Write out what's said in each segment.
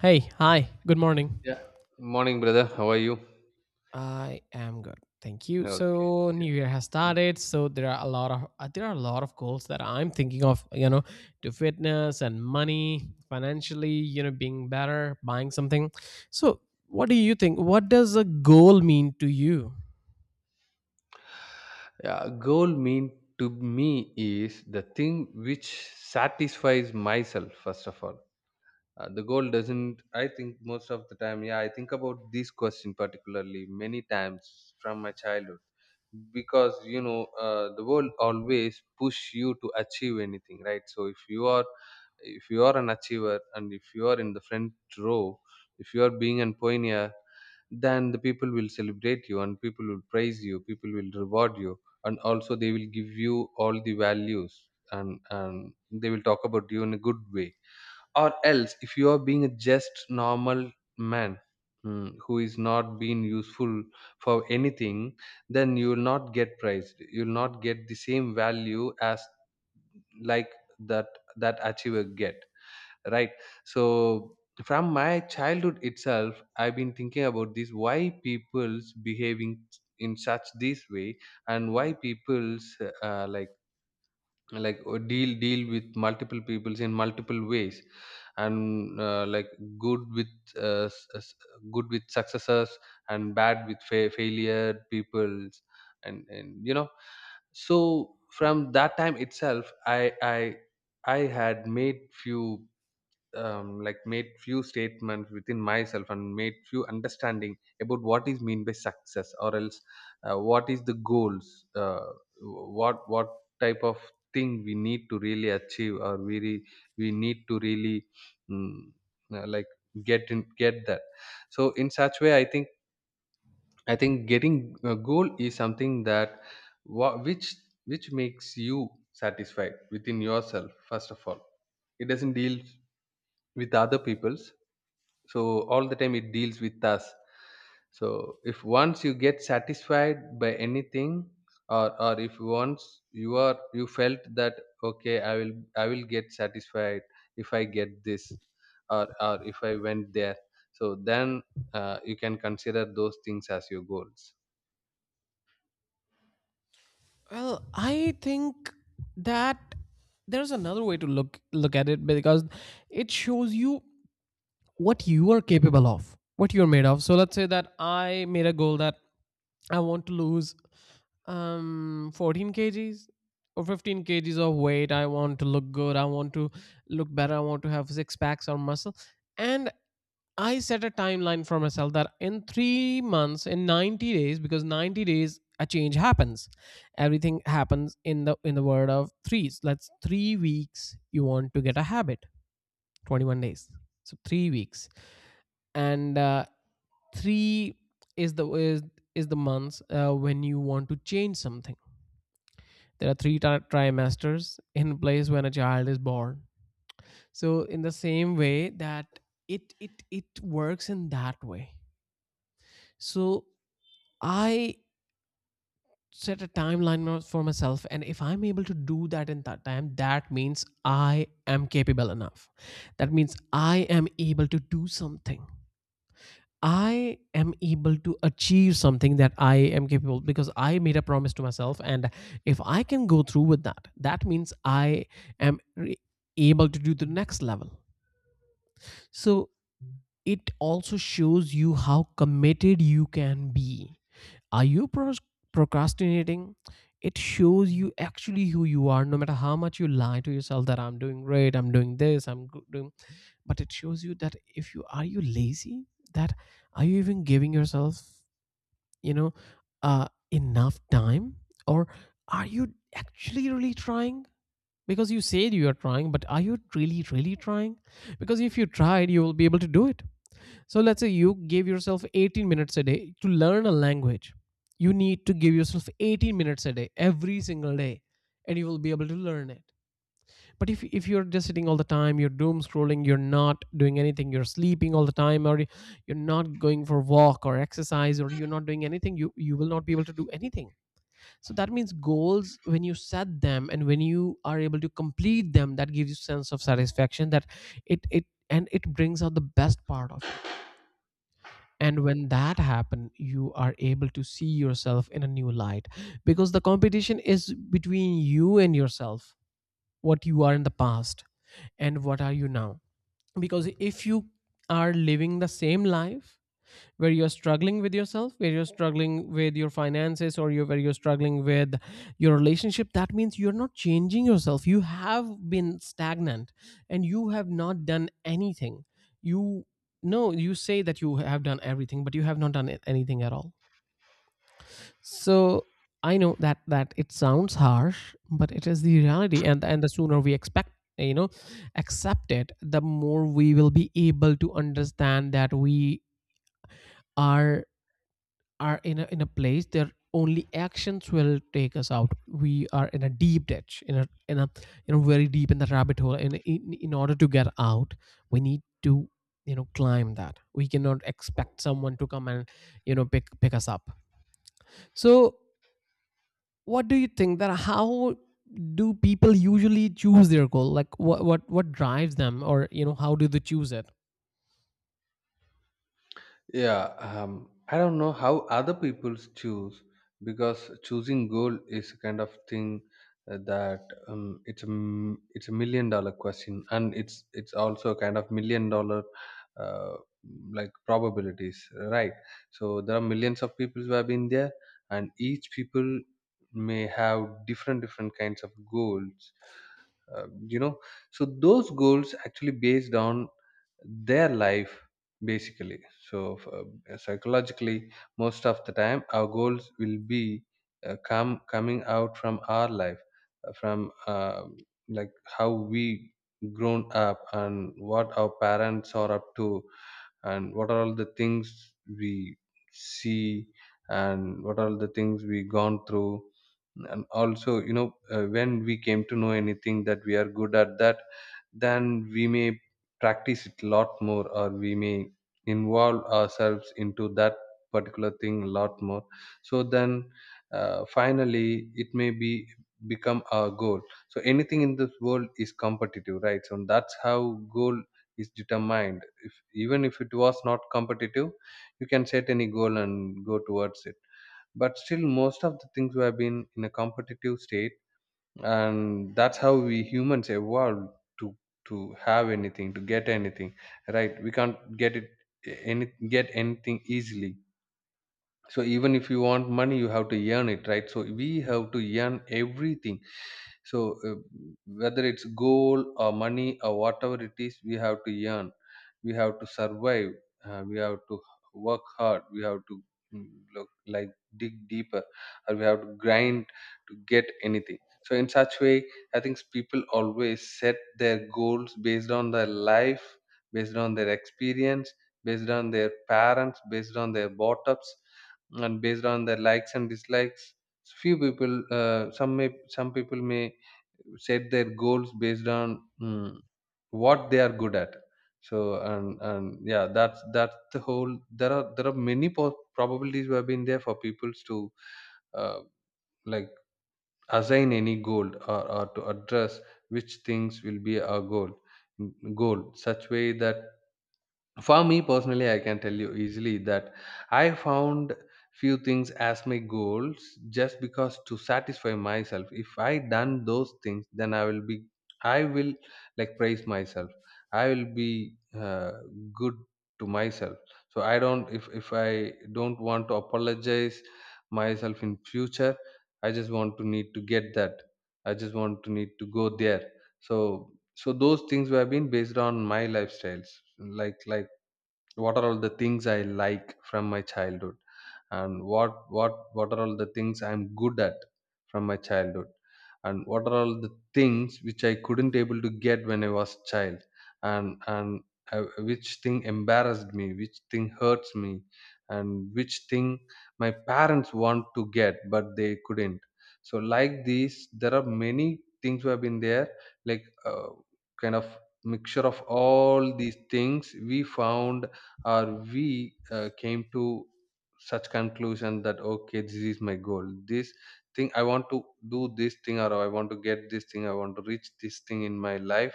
Hey, hi, good morning. Yeah. Morning, brother. How are you? I am good. Thank you. Okay. So Yeah. new year has started, so there are a lot of there are a lot of goals that I'm thinking of, to fitness and money, financially, being better, buying something. So, what do you think? What does a goal mean to you? Yeah, goal mean to me is the thing which satisfies myself, first of all. The goal doesn't, I think most of the time, yeah, I think about this question particularly many times from my childhood. Because you know, the world always push you to achieve anything, right? So if you are, if you are an achiever, and if you are in the front row, if you are being an pioneer, then the people will celebrate you, and people will praise you, people will reward you, and also they will give you all the values, and they will talk about you in a good way. Or else, if you are being a just normal man, who is not being useful for anything, then you will not get praised, you will not get the same value as, like, that, that achiever get, right? So from my childhood itself, I've been thinking about this, why people's behaving in such this way, and why people's, uh, like like deal with multiple peoples in multiple ways, and, like, good with, uh, s- s- good with successes, and bad with failure peoples. And you know, so from that time itself, I I had made few, like made few statements within myself, and made few understanding about what is mean by success, or else, what is the goals, what type of thing we need to really achieve, or we need to really, mm, like get in, get that. So in such way, I think, I think getting a goal is something that, wha- which which makes you satisfied within yourself, first of all. It doesn't deal with other people's. So all the time it deals with us. So if once you get satisfied by anything, or if once you are, you felt that okay, I will, I will get satisfied if I get this, or if I went there, so then, you can consider those things as your goals. Well, I think that there's another way to look at it because it shows you what you are capable of, what you're made of. So let's say that I made a goal that I want to lose 14 kg kgs or 15 kg kgs of weight. I want to look good. I want to look better. I want to have six packs or muscle. And I set a timeline for myself that in 3 months, in 90 days, because 90 days a change happens. Everything happens in the word of threes. Let's 3 weeks you want to get a habit. 21 days. So 3 weeks and three is the months when you want to change something. There are three trimesters in place when a child is born, so in the same way that it works in that way. So I set a timeline for myself, and if I'm able to do that in that time, that means I am capable enough, that means I am able to do something. I am able to achieve something that I am capable, because I made a promise to myself, and if I can go through with that, that means I am able to do the next level. So it also shows you how committed you can be. Are you procrastinating? It shows you actually who you are, no matter how much you lie to yourself that I'm doing great, I'm doing this, I'm doing. But it shows you that if you are you lazy, that are you even giving yourself, you know enough time, or are you actually really trying? Because you said you are trying, but are you really really trying? Because if you tried, you will be able to do it. So let's say you give yourself 18 minutes a day to learn a language. You need to give yourself 18 minutes a day every single day, and you will be able to learn it. But if you're just sitting all the time, you're doom scrolling, you're not doing anything, you're sleeping all the time, or you're not going for walk or exercise, or you're not doing anything, you will not be able to do anything. So that means goals, when you set them and when you are able to complete them, that gives you sense of satisfaction that it brings out the best part of you. And when that happen, you are able to see yourself in a new light, because the competition is between you and yourself, what you are in the past and what are you now. Because if you are living the same life where you're struggling with yourself, where you're struggling with your relationship, that means you're not changing yourself, you have been stagnant and you have not done anything. You, no, you say that you have done everything, but you have not done anything at all. So I know that it sounds harsh, but it is the reality, and the sooner we expect, you know accept it, the more we will be able to understand that we are are in a place that only actions will take us out. We are in a deep ditch, in a very deep in the rabbit hole. And in order to get out, we need to climb that. We cannot expect someone to come and pick us up. So what do you think that how do people usually choose their goal, like what drives them, or how do they choose it? Yeah, I don't know how other people choose, because choosing goal is a kind of thing, that, it's a it's $1 million question, and it's also a kind of $1 million, uh, like probabilities, right? So there are millions of people who have been there, and each people may have different kinds of goals. You know, so those goals actually based on their life, basically. So psychologically, most of the time our goals will be, come coming out from our life, from, like, how we grown up, and what our parents are up to, and what are all the things we see, and what are all the things we gone through. And also, you know, when we came to know anything that we are good at, that then we may practice it a lot more, or we may involve ourselves into that particular thing a lot more. So then, finally it may be become our goal. So anything in this world is competitive, right? So that's how goal is determined. If even if it was not competitive, you can set any goal and go towards it, but still most of the things we have been in a competitive state, and that's how we humans evolved to to have anything, to get anything, right? We can't get it, any, get anything easily. So even if you want money, you have to earn it, right? So we have to earn everything. So, uh, whether it's gold or money or whatever it is, we have to earn, we have to survive, we have to work hard, we have to, mm, look, like, dig deeper, or we have to grind to get anything. So in such way, I think people always set their goals based on their life, based on their experience, based on their parents, based on their bottoms, and based on their likes and dislikes. Few people, some people may set their goals based on, what they are good at. So, and yeah, that's the whole, there are, there are many probabilities who have been there for people to, uh, like, assign any goal, or to address which things will be our goal, goal, such way that for me personally, I can tell you easily that I found few things as my goals, just because to satisfy myself, if I done those things, then I will be, I will, like, praise myself, I will be, good to myself. So I don't, if I don't want to apologize myself in future, I just want to need to get that, I just want to need to go there. So, so those things were been based on my lifestyles, like, what are all the things I like from my childhood, and what are all the things I'm good at from my childhood, and what are all the things which I couldn't able to get when I was child, and which thing embarrassed me, which thing hurts me, and which thing my parents want to get but they couldn't. So, like these, there are many things who have been there, like, kind of mixture of all these things we found, or we, came to such conclusion that okay, this is my goal, this thing I want to do, this thing, or I want to get this thing, I want to reach this thing in my life,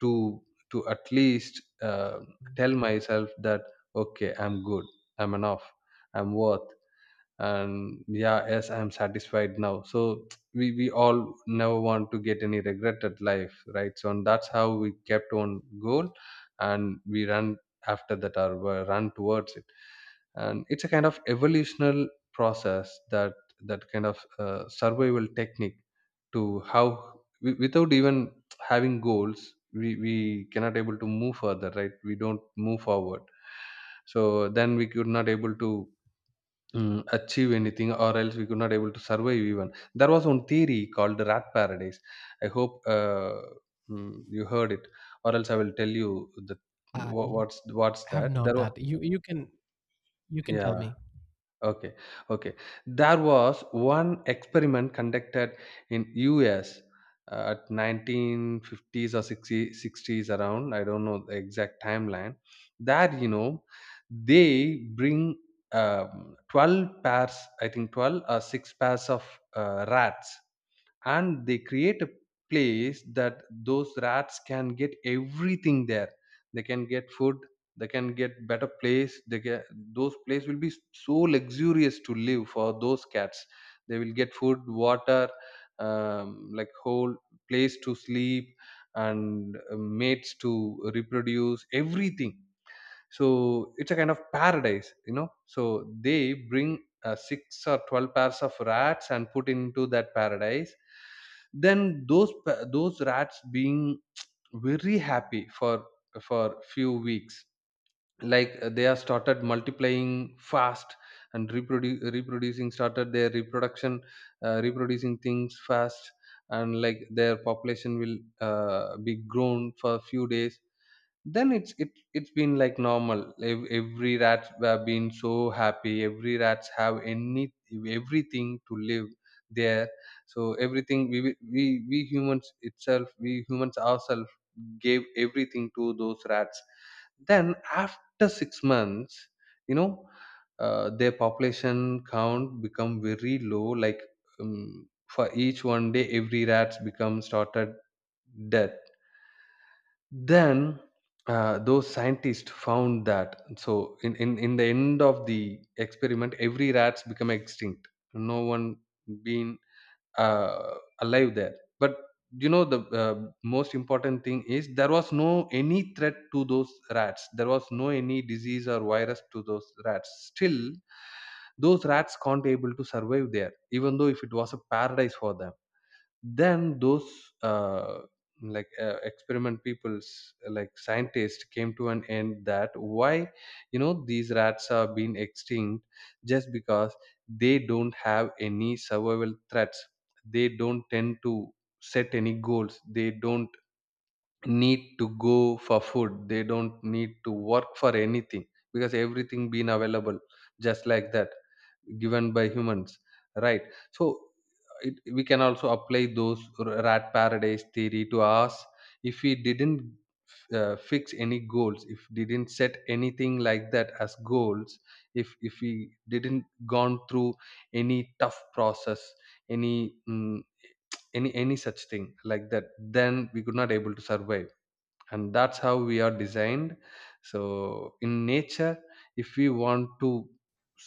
to to at least, tell myself that okay, I'm good, I'm enough, I'm worth, and yeah, yes, I'm satisfied now. So we all never want to get any regret at life, right? So, and that's how we kept on goal, and we ran after that, or run towards it. And it's a kind of evolutional process, that, that kind of, survival technique, to how, without even having goals, we cannot able to move further, right? We don't move forward. So then we could not able to, achieve anything, or else we could not able to survive. Even there was one theory called the rat paradise. I hope, you heard it, or else I will tell you the, I what's what's have that. not, There was, that you can, you can tell yeah. me. Okay, okay. There was one experiment conducted in US, at 1950s or 60, 60s around. I don't know the exact timeline. That you know, they bring, 12 or six pairs of rats. And they create a place that those rats can get everything there. They can get food, they can get better place, they get, those place will be so luxurious to live for those cats. They will get food, water, like, whole place to sleep, and mates to reproduce, everything. So it's a kind of paradise, you know. So they bring, six or 12 pairs of rats and put into that paradise. Then those rats being very happy for few weeks. Like, they are started multiplying fast, and reproducing, started their reproduction, reproducing things fast. And like, their population will, be grown for a few days. Then it's, it's been like normal. Every rats have been so happy, every rats have any, everything to live there. So everything we, we humans itself, we humans ourselves gave everything to those rats. Then after 6 months, you know, their population count become very low. Like, for each one day every rats become started dead. Then, those scientists found that, so in the end of the experiment, every rats become extinct. No one being, uh, alive there. But you know, the, most important thing is, there was no any threat to those rats, there was no any disease or virus to those rats, still those rats can't able to survive there, even though if it was a paradise for them. Then those, like, experiment people's, like scientists, came to an end that why you know these rats have been extinct. Just because they don't have any survival threats, they don't tend to set any goals, they don't need to go for food, they don't need to work for anything, because everything being available just like that, given by humans, right? So it, we can also apply those rat paradise theory to us. If we didn't, fix any goals, if didn't set anything like that as goals, if we didn't gone through any tough process, any, mm, any such thing like that, then we could not able to survive. And that's how we are designed. So in nature, if we want to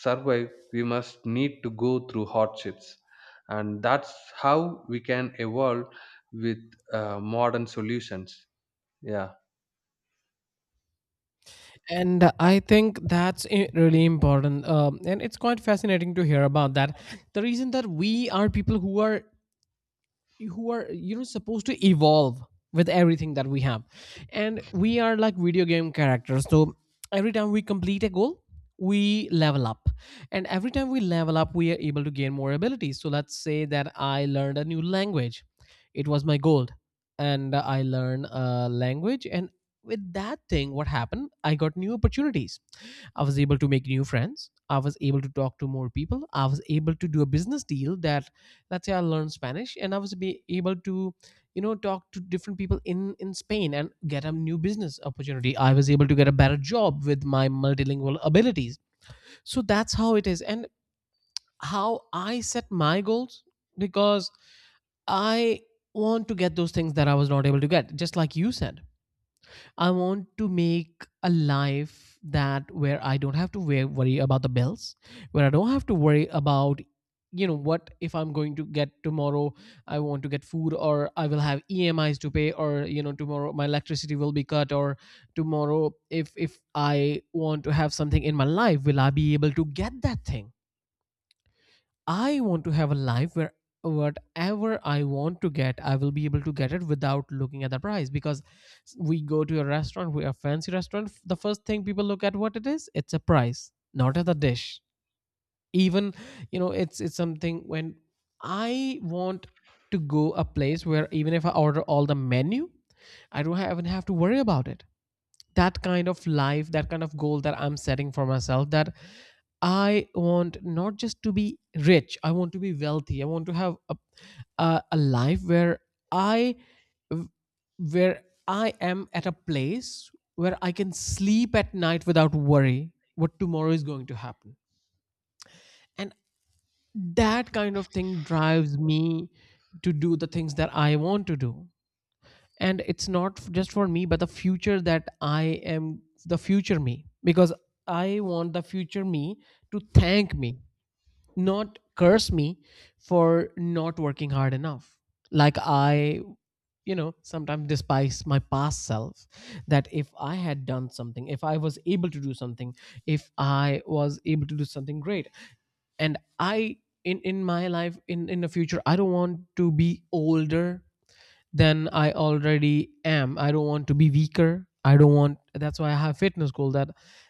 survive, we must need to go through hardships, and that's how we can evolve with modern solutions. Yeah. And I think that's really important, and it's quite fascinating to hear about that. The reason that we are people who are, who are supposed to evolve with everything that we have, and we are like video game characters. So every time we complete a goal, we level up, and every time we level up, we are able to gain more abilities. So let's say that I learned a new language, it was my goal, and I learned a language, and with that thing, what happened, I got new opportunities. I was able to make new friends. I was able to talk to more people. I was able to do a business deal that, let's say I learned Spanish, and I was be able to talk to different people in Spain and get a new business opportunity. I was able to get a better job with my multilingual abilities. So that's how it is, and how I set my goals, because I want to get those things that I was not able to get, just like you said. I want to make a life that, where I don't have to worry about the bills, where I don't have to worry about, what if I'm going to get tomorrow. I want to get food, or I will have emis to pay, or tomorrow my electricity will be cut, or tomorrow if I want to have something in my life, will I be able to get that thing? I want to have a life where whatever I want to get, I will be able to get it without looking at the price. Because we go to a restaurant, we a fancy restaurant. The first thing people look at what it is, it's a price, not at the dish. Even it's something when I want to go a place where even if I order all the menu, I don't even have to worry about it. That kind of life, that kind of goal that I'm setting for myself, that I want not just to be rich, I want to be wealthy, I want to have a life i where I am at a place where I can sleep at night without worry what tomorrow is going to happen. And that kind of thing drives me to do the things that I want to do, and it's not just for me, but the future that I am, the future me, because I want the future me to thank me, not curse me for not working hard enough. Like I, sometimes despise my past self, that if I had done something, if I was able to do something, if I was able to do something great. And I, in my life, in the future, I don't want to be older than I already am. I don't want to be weaker. I don't want, that's why I have fitness goal, that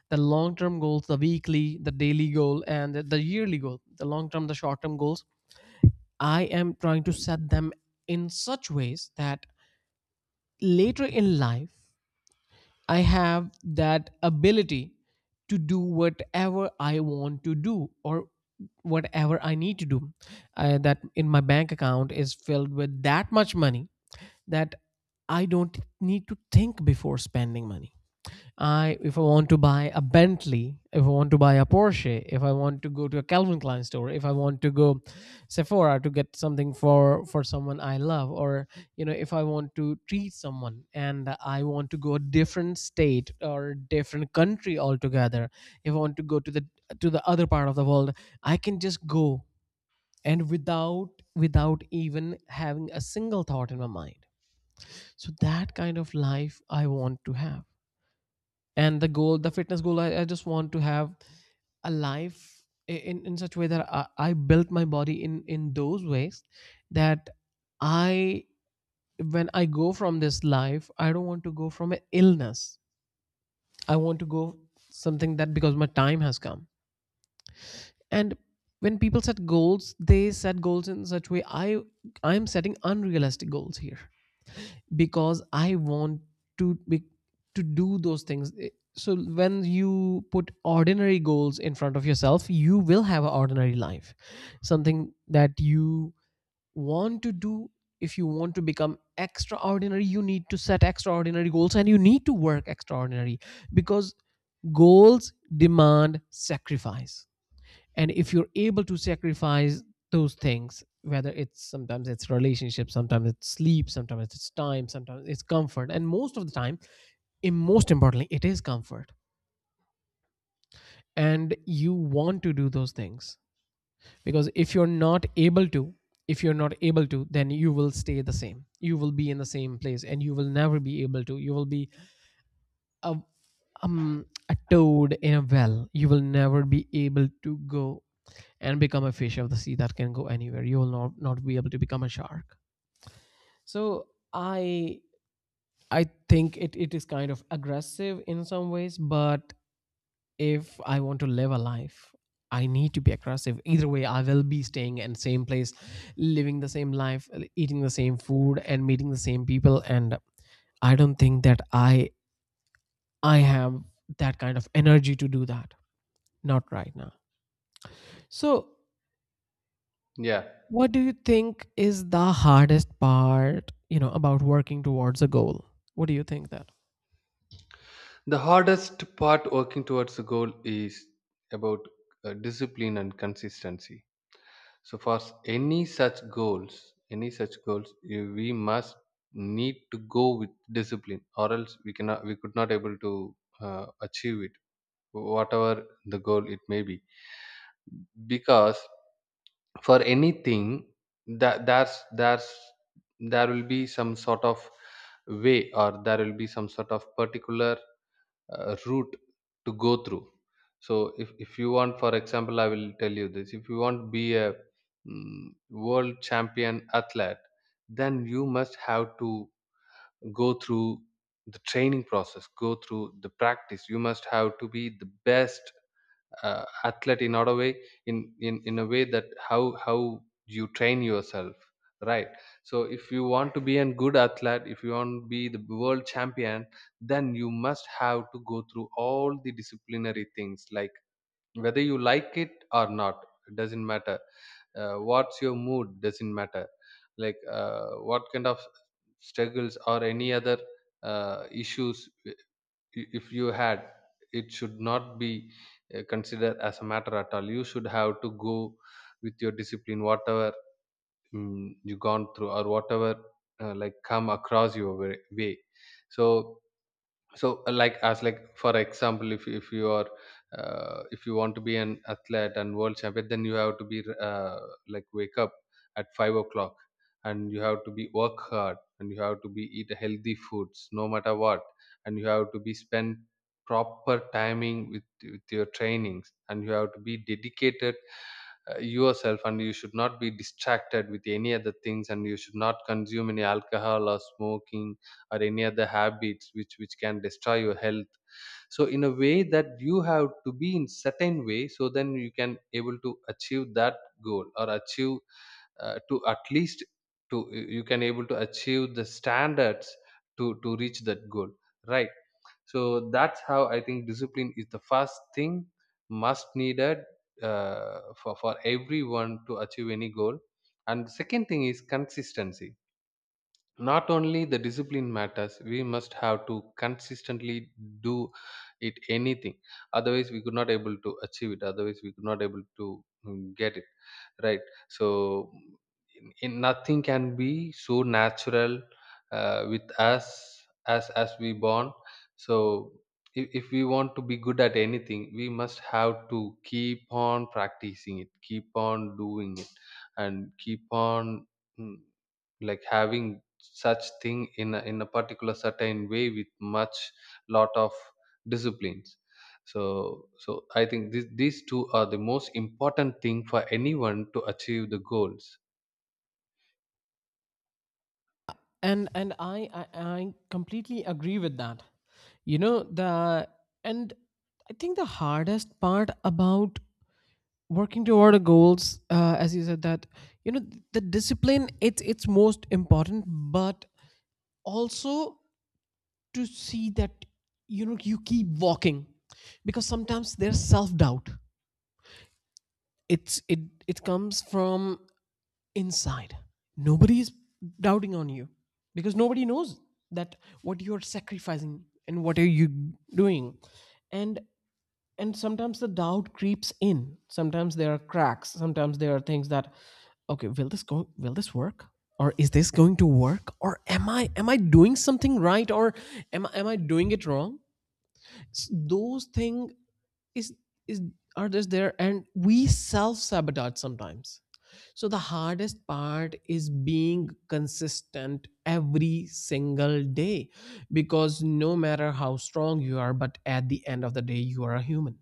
the long term goals, the weekly, the daily goal, and the yearly goal, the long term, the short term goals, I am trying to set them in such ways that later in life, I have that ability to do whatever I want to do or whatever I need to do. That in my bank account is filled with that much money, that I don't need to think before spending money. I if I want to buy a Bentley, if I want to buy a Porsche, if I want to go to a Calvin Klein store, if I want to go Sephora to get something for someone I love, or if I want to treat someone and I want to go a different state or different country altogether, if I want to go to the other part of the world, I can just go, and without even having a single thought in my mind. So that kind of life I want to have. And the goal, the fitness goal, I just want to have a life in such a way that I built my body in those ways, that I when I go from this life, I don't want to go from an illness, I want to go something that, because my time has come. And when people set goals, they set goals in such a way, I'm setting unrealistic goals here, because I want to be, to do those things. So when you put ordinary goals in front of yourself, you will have an ordinary life. Something that you want to do. If you want to become extraordinary, you need to set extraordinary goals and you need to work extraordinary because goals demand sacrifice. And if you're able to sacrifice those things, whether it's sometimes it's relationship, sometimes it's sleep, sometimes it's time, sometimes it's comfort, and most of the time, and most importantly it is comfort, and you want to do those things. Because if you're not able to, if you're not able to, then you will stay the same, you will be in the same place, and you will never be able to, you will be a, a toad in a well. You will never be able to go and become a fish of the sea that can go anywhere. You will not be able to become a shark. So i I think it is kind of aggressive in some ways, but if I want to live a life, I need to be aggressive. Either way, I will be staying in same place, living the same life, eating the same food, and meeting the same people. And I don't think that I have that kind of energy to do that, not right now. So Yeah, what do you think is the hardest part, about working towards a goal? What do you think that? the hardest part working towards a goal is about discipline and consistency. So for any such goals, we must need to go with discipline, or else we could not able to achieve it, whatever the goal it may be. Because for anything, that there's there will be some sort of way, or there will be some sort of particular route to go through. So if you want, for example, I will tell you this. If you want to be a world champion athlete, then you must have to go through the training process, go through the practice. You must have to be the best athlete in order way, in a way that how you train yourself, right? So if you want to be a good athlete, if you want to be the world champion, then you must have to go through all the disciplinary things, like whether you like it or not, it doesn't matter. What's your mood doesn't matter. Like what kind of struggles or any other issues if you had, it should not be considered as a matter at all. You should have to go with your discipline, whatever you gone through, or whatever like come across your way. So so like as like for example, if you are if you want to be an athlete and world champion, then you have to be like wake up at 5 o'clock, and you have to be work hard, and you have to be eat healthy foods no matter what, and you have to be spend proper timing with your trainings, and you have to be dedicated yourself, and you should not be distracted with any other things, and you should not consume any alcohol or smoking or any other habits which can destroy your health. So in a way that you have to be in certain way, so then you can able to achieve that goal, or achieve to at least to you can able to achieve the standards to reach that goal, right? So that's how I think discipline is the first thing must needed for everyone to achieve any goal. And the second thing is consistency. Not only the discipline matters, we must have to consistently do it anything, otherwise we could not able to achieve it, otherwise we could not able to get it, right? So in nothing can be so natural with us as we born. So if we want to be good at anything, we must have to keep on practicing it, keep on doing it, and keep on mm, like having such thing in in a particular certain way with much lot of disciplines. So so I think these two are the most important thing for anyone to achieve the goals. And I completely agree with that. You know, the and I think the hardest part about working toward a goals, as you said that, you know, the discipline, it's most important, but also to see that, you know, you keep walking. Because sometimes there's self doubt, it it comes from inside. Nobody is doubting on you, because nobody knows that what you're sacrificing and what are you doing. and and sometimes the doubt creeps in, sometimes there are cracks, sometimes there are things that, okay, will this go, will this work, or is this going to work, or am I doing something right, or am I doing it wrong? Those things is is are just there, and we self-sabotage sometimes. So the hardest part is being consistent every single day, because no matter how strong you are, but at the end of the day you are a human.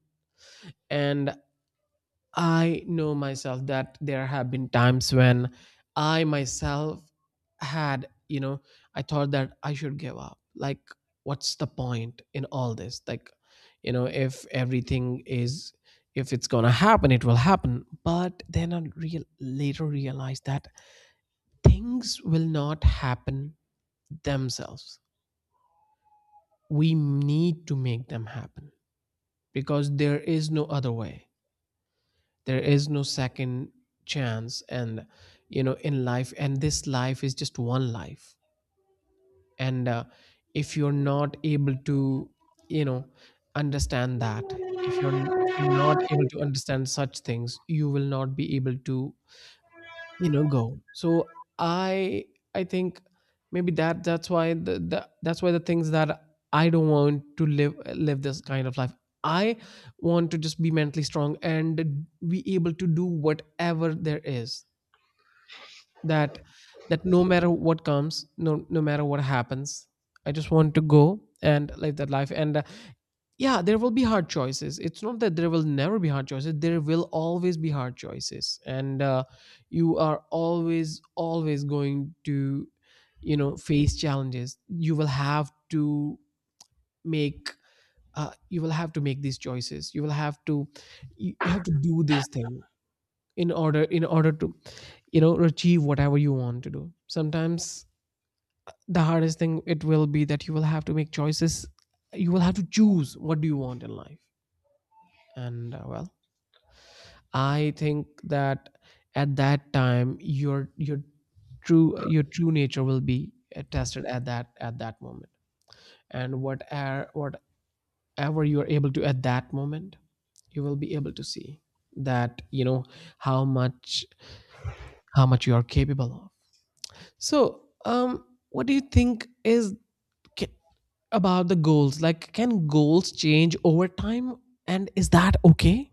And I know myself that there have been times when I myself had, you know, I thought that I should give up. Like, what's the point in all this? Like, you know, if everything is, if it's gonna happen, it will happen. But then I real later realized that things will not happen themselves. We need to make them happen, because there is no other way, there is no second chance. And you know, in life, and this life is just one life. And if you're not able to, you know, understand that, if you're not able to understand such things, you will not be able to, you know, go. So i I think maybe that's why the that's why the things that I don't want to live this kind of life. I want to just be mentally strong and be able to do whatever there is, that that no matter what comes, no matter what happens, I just want to go and live that life. And yeah, there will be hard choices. It's not that there will never be hard choices. There will always be hard choices. And you are always going to, you know, face challenges. You will have to make, you will have to make these choices. You will have to, you have to do this thing in order to, you know, achieve whatever you want to do. Sometimes the hardest thing it will be that you will have to make choices. You will have to choose what do you want in life. And well, I think that at that time, your true nature will be tested at that moment. And what are whatever you are able to at that moment, you will be able to see that, you know, how much, how much you are capable of. So what do you think is ca- about the goals, like, can goals change over time, and is that okay?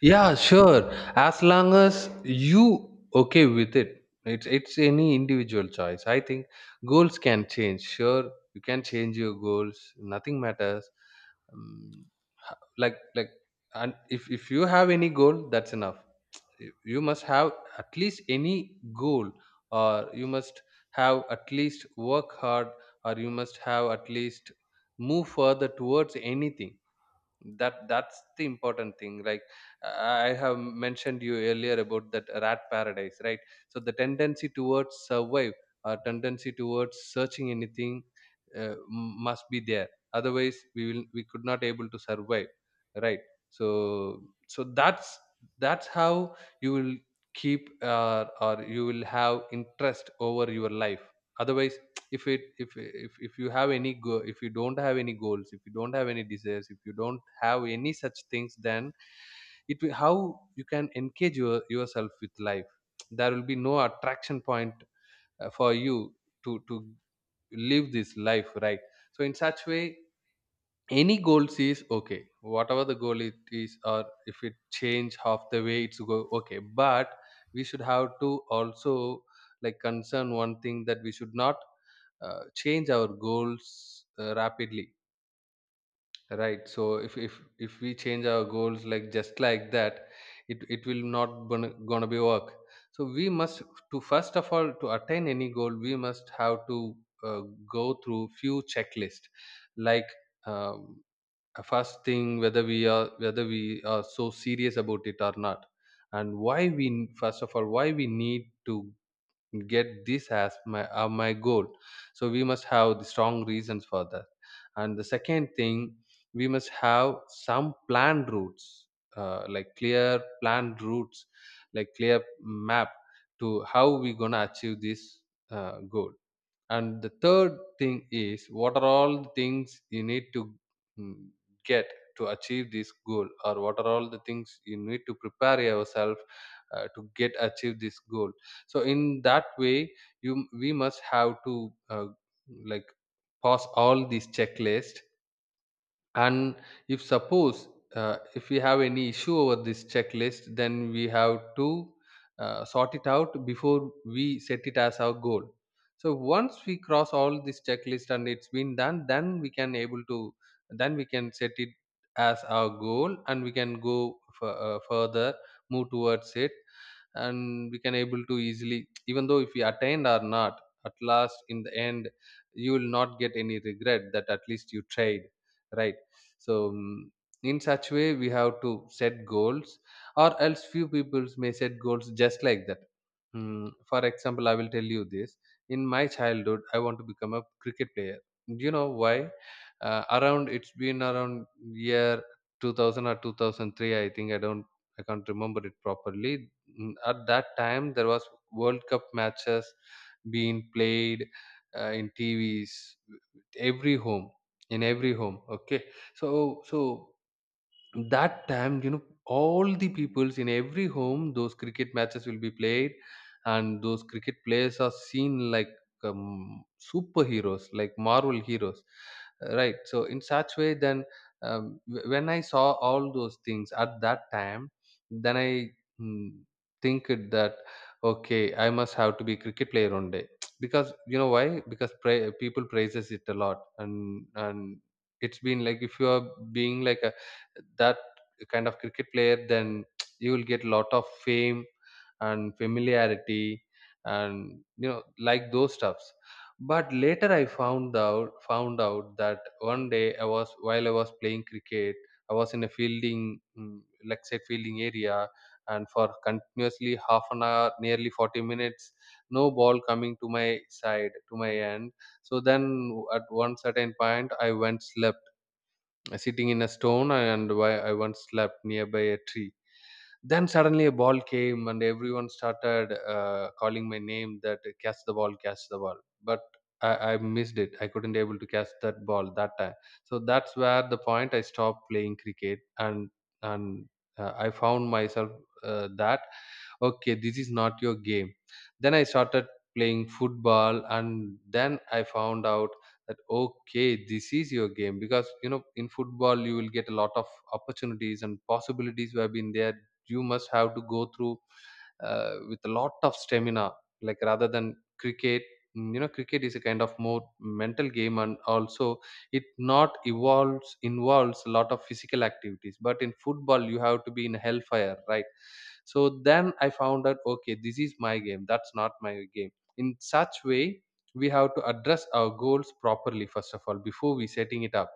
Yeah, sure. As long as you okay with it, it's any individual choice. I think goals can change. Sure, you can change your goals. Nothing matters. Um, like and if you have any goal, that's enough. You must have at least any goal, or you must have at least work hard, or you must have at least move further towards anything. That that's the important thing. Like I have mentioned you earlier about that rat paradise, right? So the tendency towards survive, or tendency towards searching anything must be there, otherwise we could not able to survive, right? So so that's how you will keep or you will have interest over your life. Otherwise, if you have any if you don't have any goals, if you don't have any desires, if you don't have any such things, then it will how you can engage yourself with life. There will be no attraction point for you to live this life, right? So in such way, any goals is okay, whatever the goal it is, or if it change half the way, it's go okay. But we should have to also like concern one thing, that we should not change our goals rapidly, right? So if we change our goals like just like that, it will not gonna be work. So we must to, first of all, to attain any goal, we must have to uh, go through few checklist, like um, first thing, whether we are so serious about it or not, and why we first of all why we need to get this as my my goal. So we must have the strong reasons for that. And the second thing, we must have some planned routes, like clear planned routes, like clear map to how we gonna achieve this goal. And the third thing is what are all the things you need to mm, get to achieve this goal, or what are all the things you need to prepare yourself to get achieve this goal. So in that way, you we must have to like pass all these checklist. And if suppose if we have any issue over this checklist, then we have to sort it out before we set it as our goal. So once we cross all this checklist and it's been done, then we can able to, then we can set it as our goal, and we can go further move towards it. And we can able to easily, even though if we attained or not, at last in the end, you will not get any regret that at least you tried, right? So in such way we have to set goals, or else few people may set goals just like that. Mm, for example, I will tell you this. In my childhood, I want to become a cricket player. Do you know why? Around, it's been around year 2000 or 2003, I think. I don't, I can't remember it properly. Mm, at that time, there was world cup matches being played in tvs every home, in every home, okay? So so that time, you know, all the peoples in every home, those cricket matches will be played, and those cricket players are seen like superheroes, like marvel heroes, right? So in such way, then when I saw all those things at that time, then I mm, think it that okay, I must have to be cricket player one day. Because you know why? Because people praises it a lot, and it's been like, if you are being like that kind of cricket player, then you will get a lot of fame and familiarity and, you know, like those stuffs. But later I found out that one day I was, while I was playing cricket, I was in a fielding, like say, fielding area, and for continuously half an hour, nearly 40 minutes, no ball coming to my side, to my end. So then at one certain point, I went slept, sitting in a stone, and why I once slept nearby a tree. Then suddenly a ball came, and everyone started calling my name that, catch the ball, catch the ball. But I missed it. I couldn't able to catch that ball that time. So that's where the point I stopped playing cricket, and I found myself that okay, this is not your game. Then I started playing football, and then I found out that okay, this is your game, because you know, in football you will get a lot of opportunities and possibilities who have been there. You must have to go through with a lot of stamina, like rather than cricket. Mm, you know, cricket is a kind of more mental game, and also it not evolves involves a lot of physical activities, but in football you have to be in hellfire, right? So then I found out, okay this is my game, that's not my game. In such way, we have to address our goals properly first of all before we setting it up.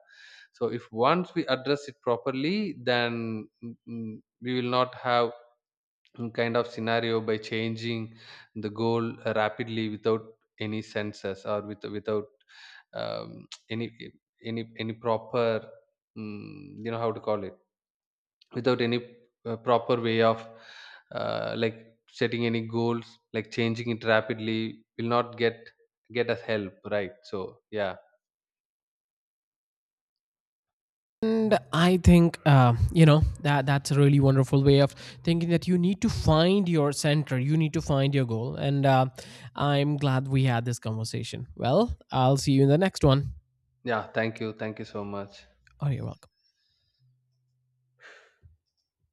So if once we address it properly, then we will not have some kind of scenario by changing the goal rapidly without any senses, or without um, any any proper, mm, you know how to call it, without any proper way of like setting any goals, like changing it rapidly, will not get us help, right? So yeah. And I think, you know, that that's a really wonderful way of thinking, that you need to find your center, you need to find your goal. And I'm glad we had this conversation. Well, I'll see you in the next one. Yeah, thank you, thank you so much. Oh, you're welcome.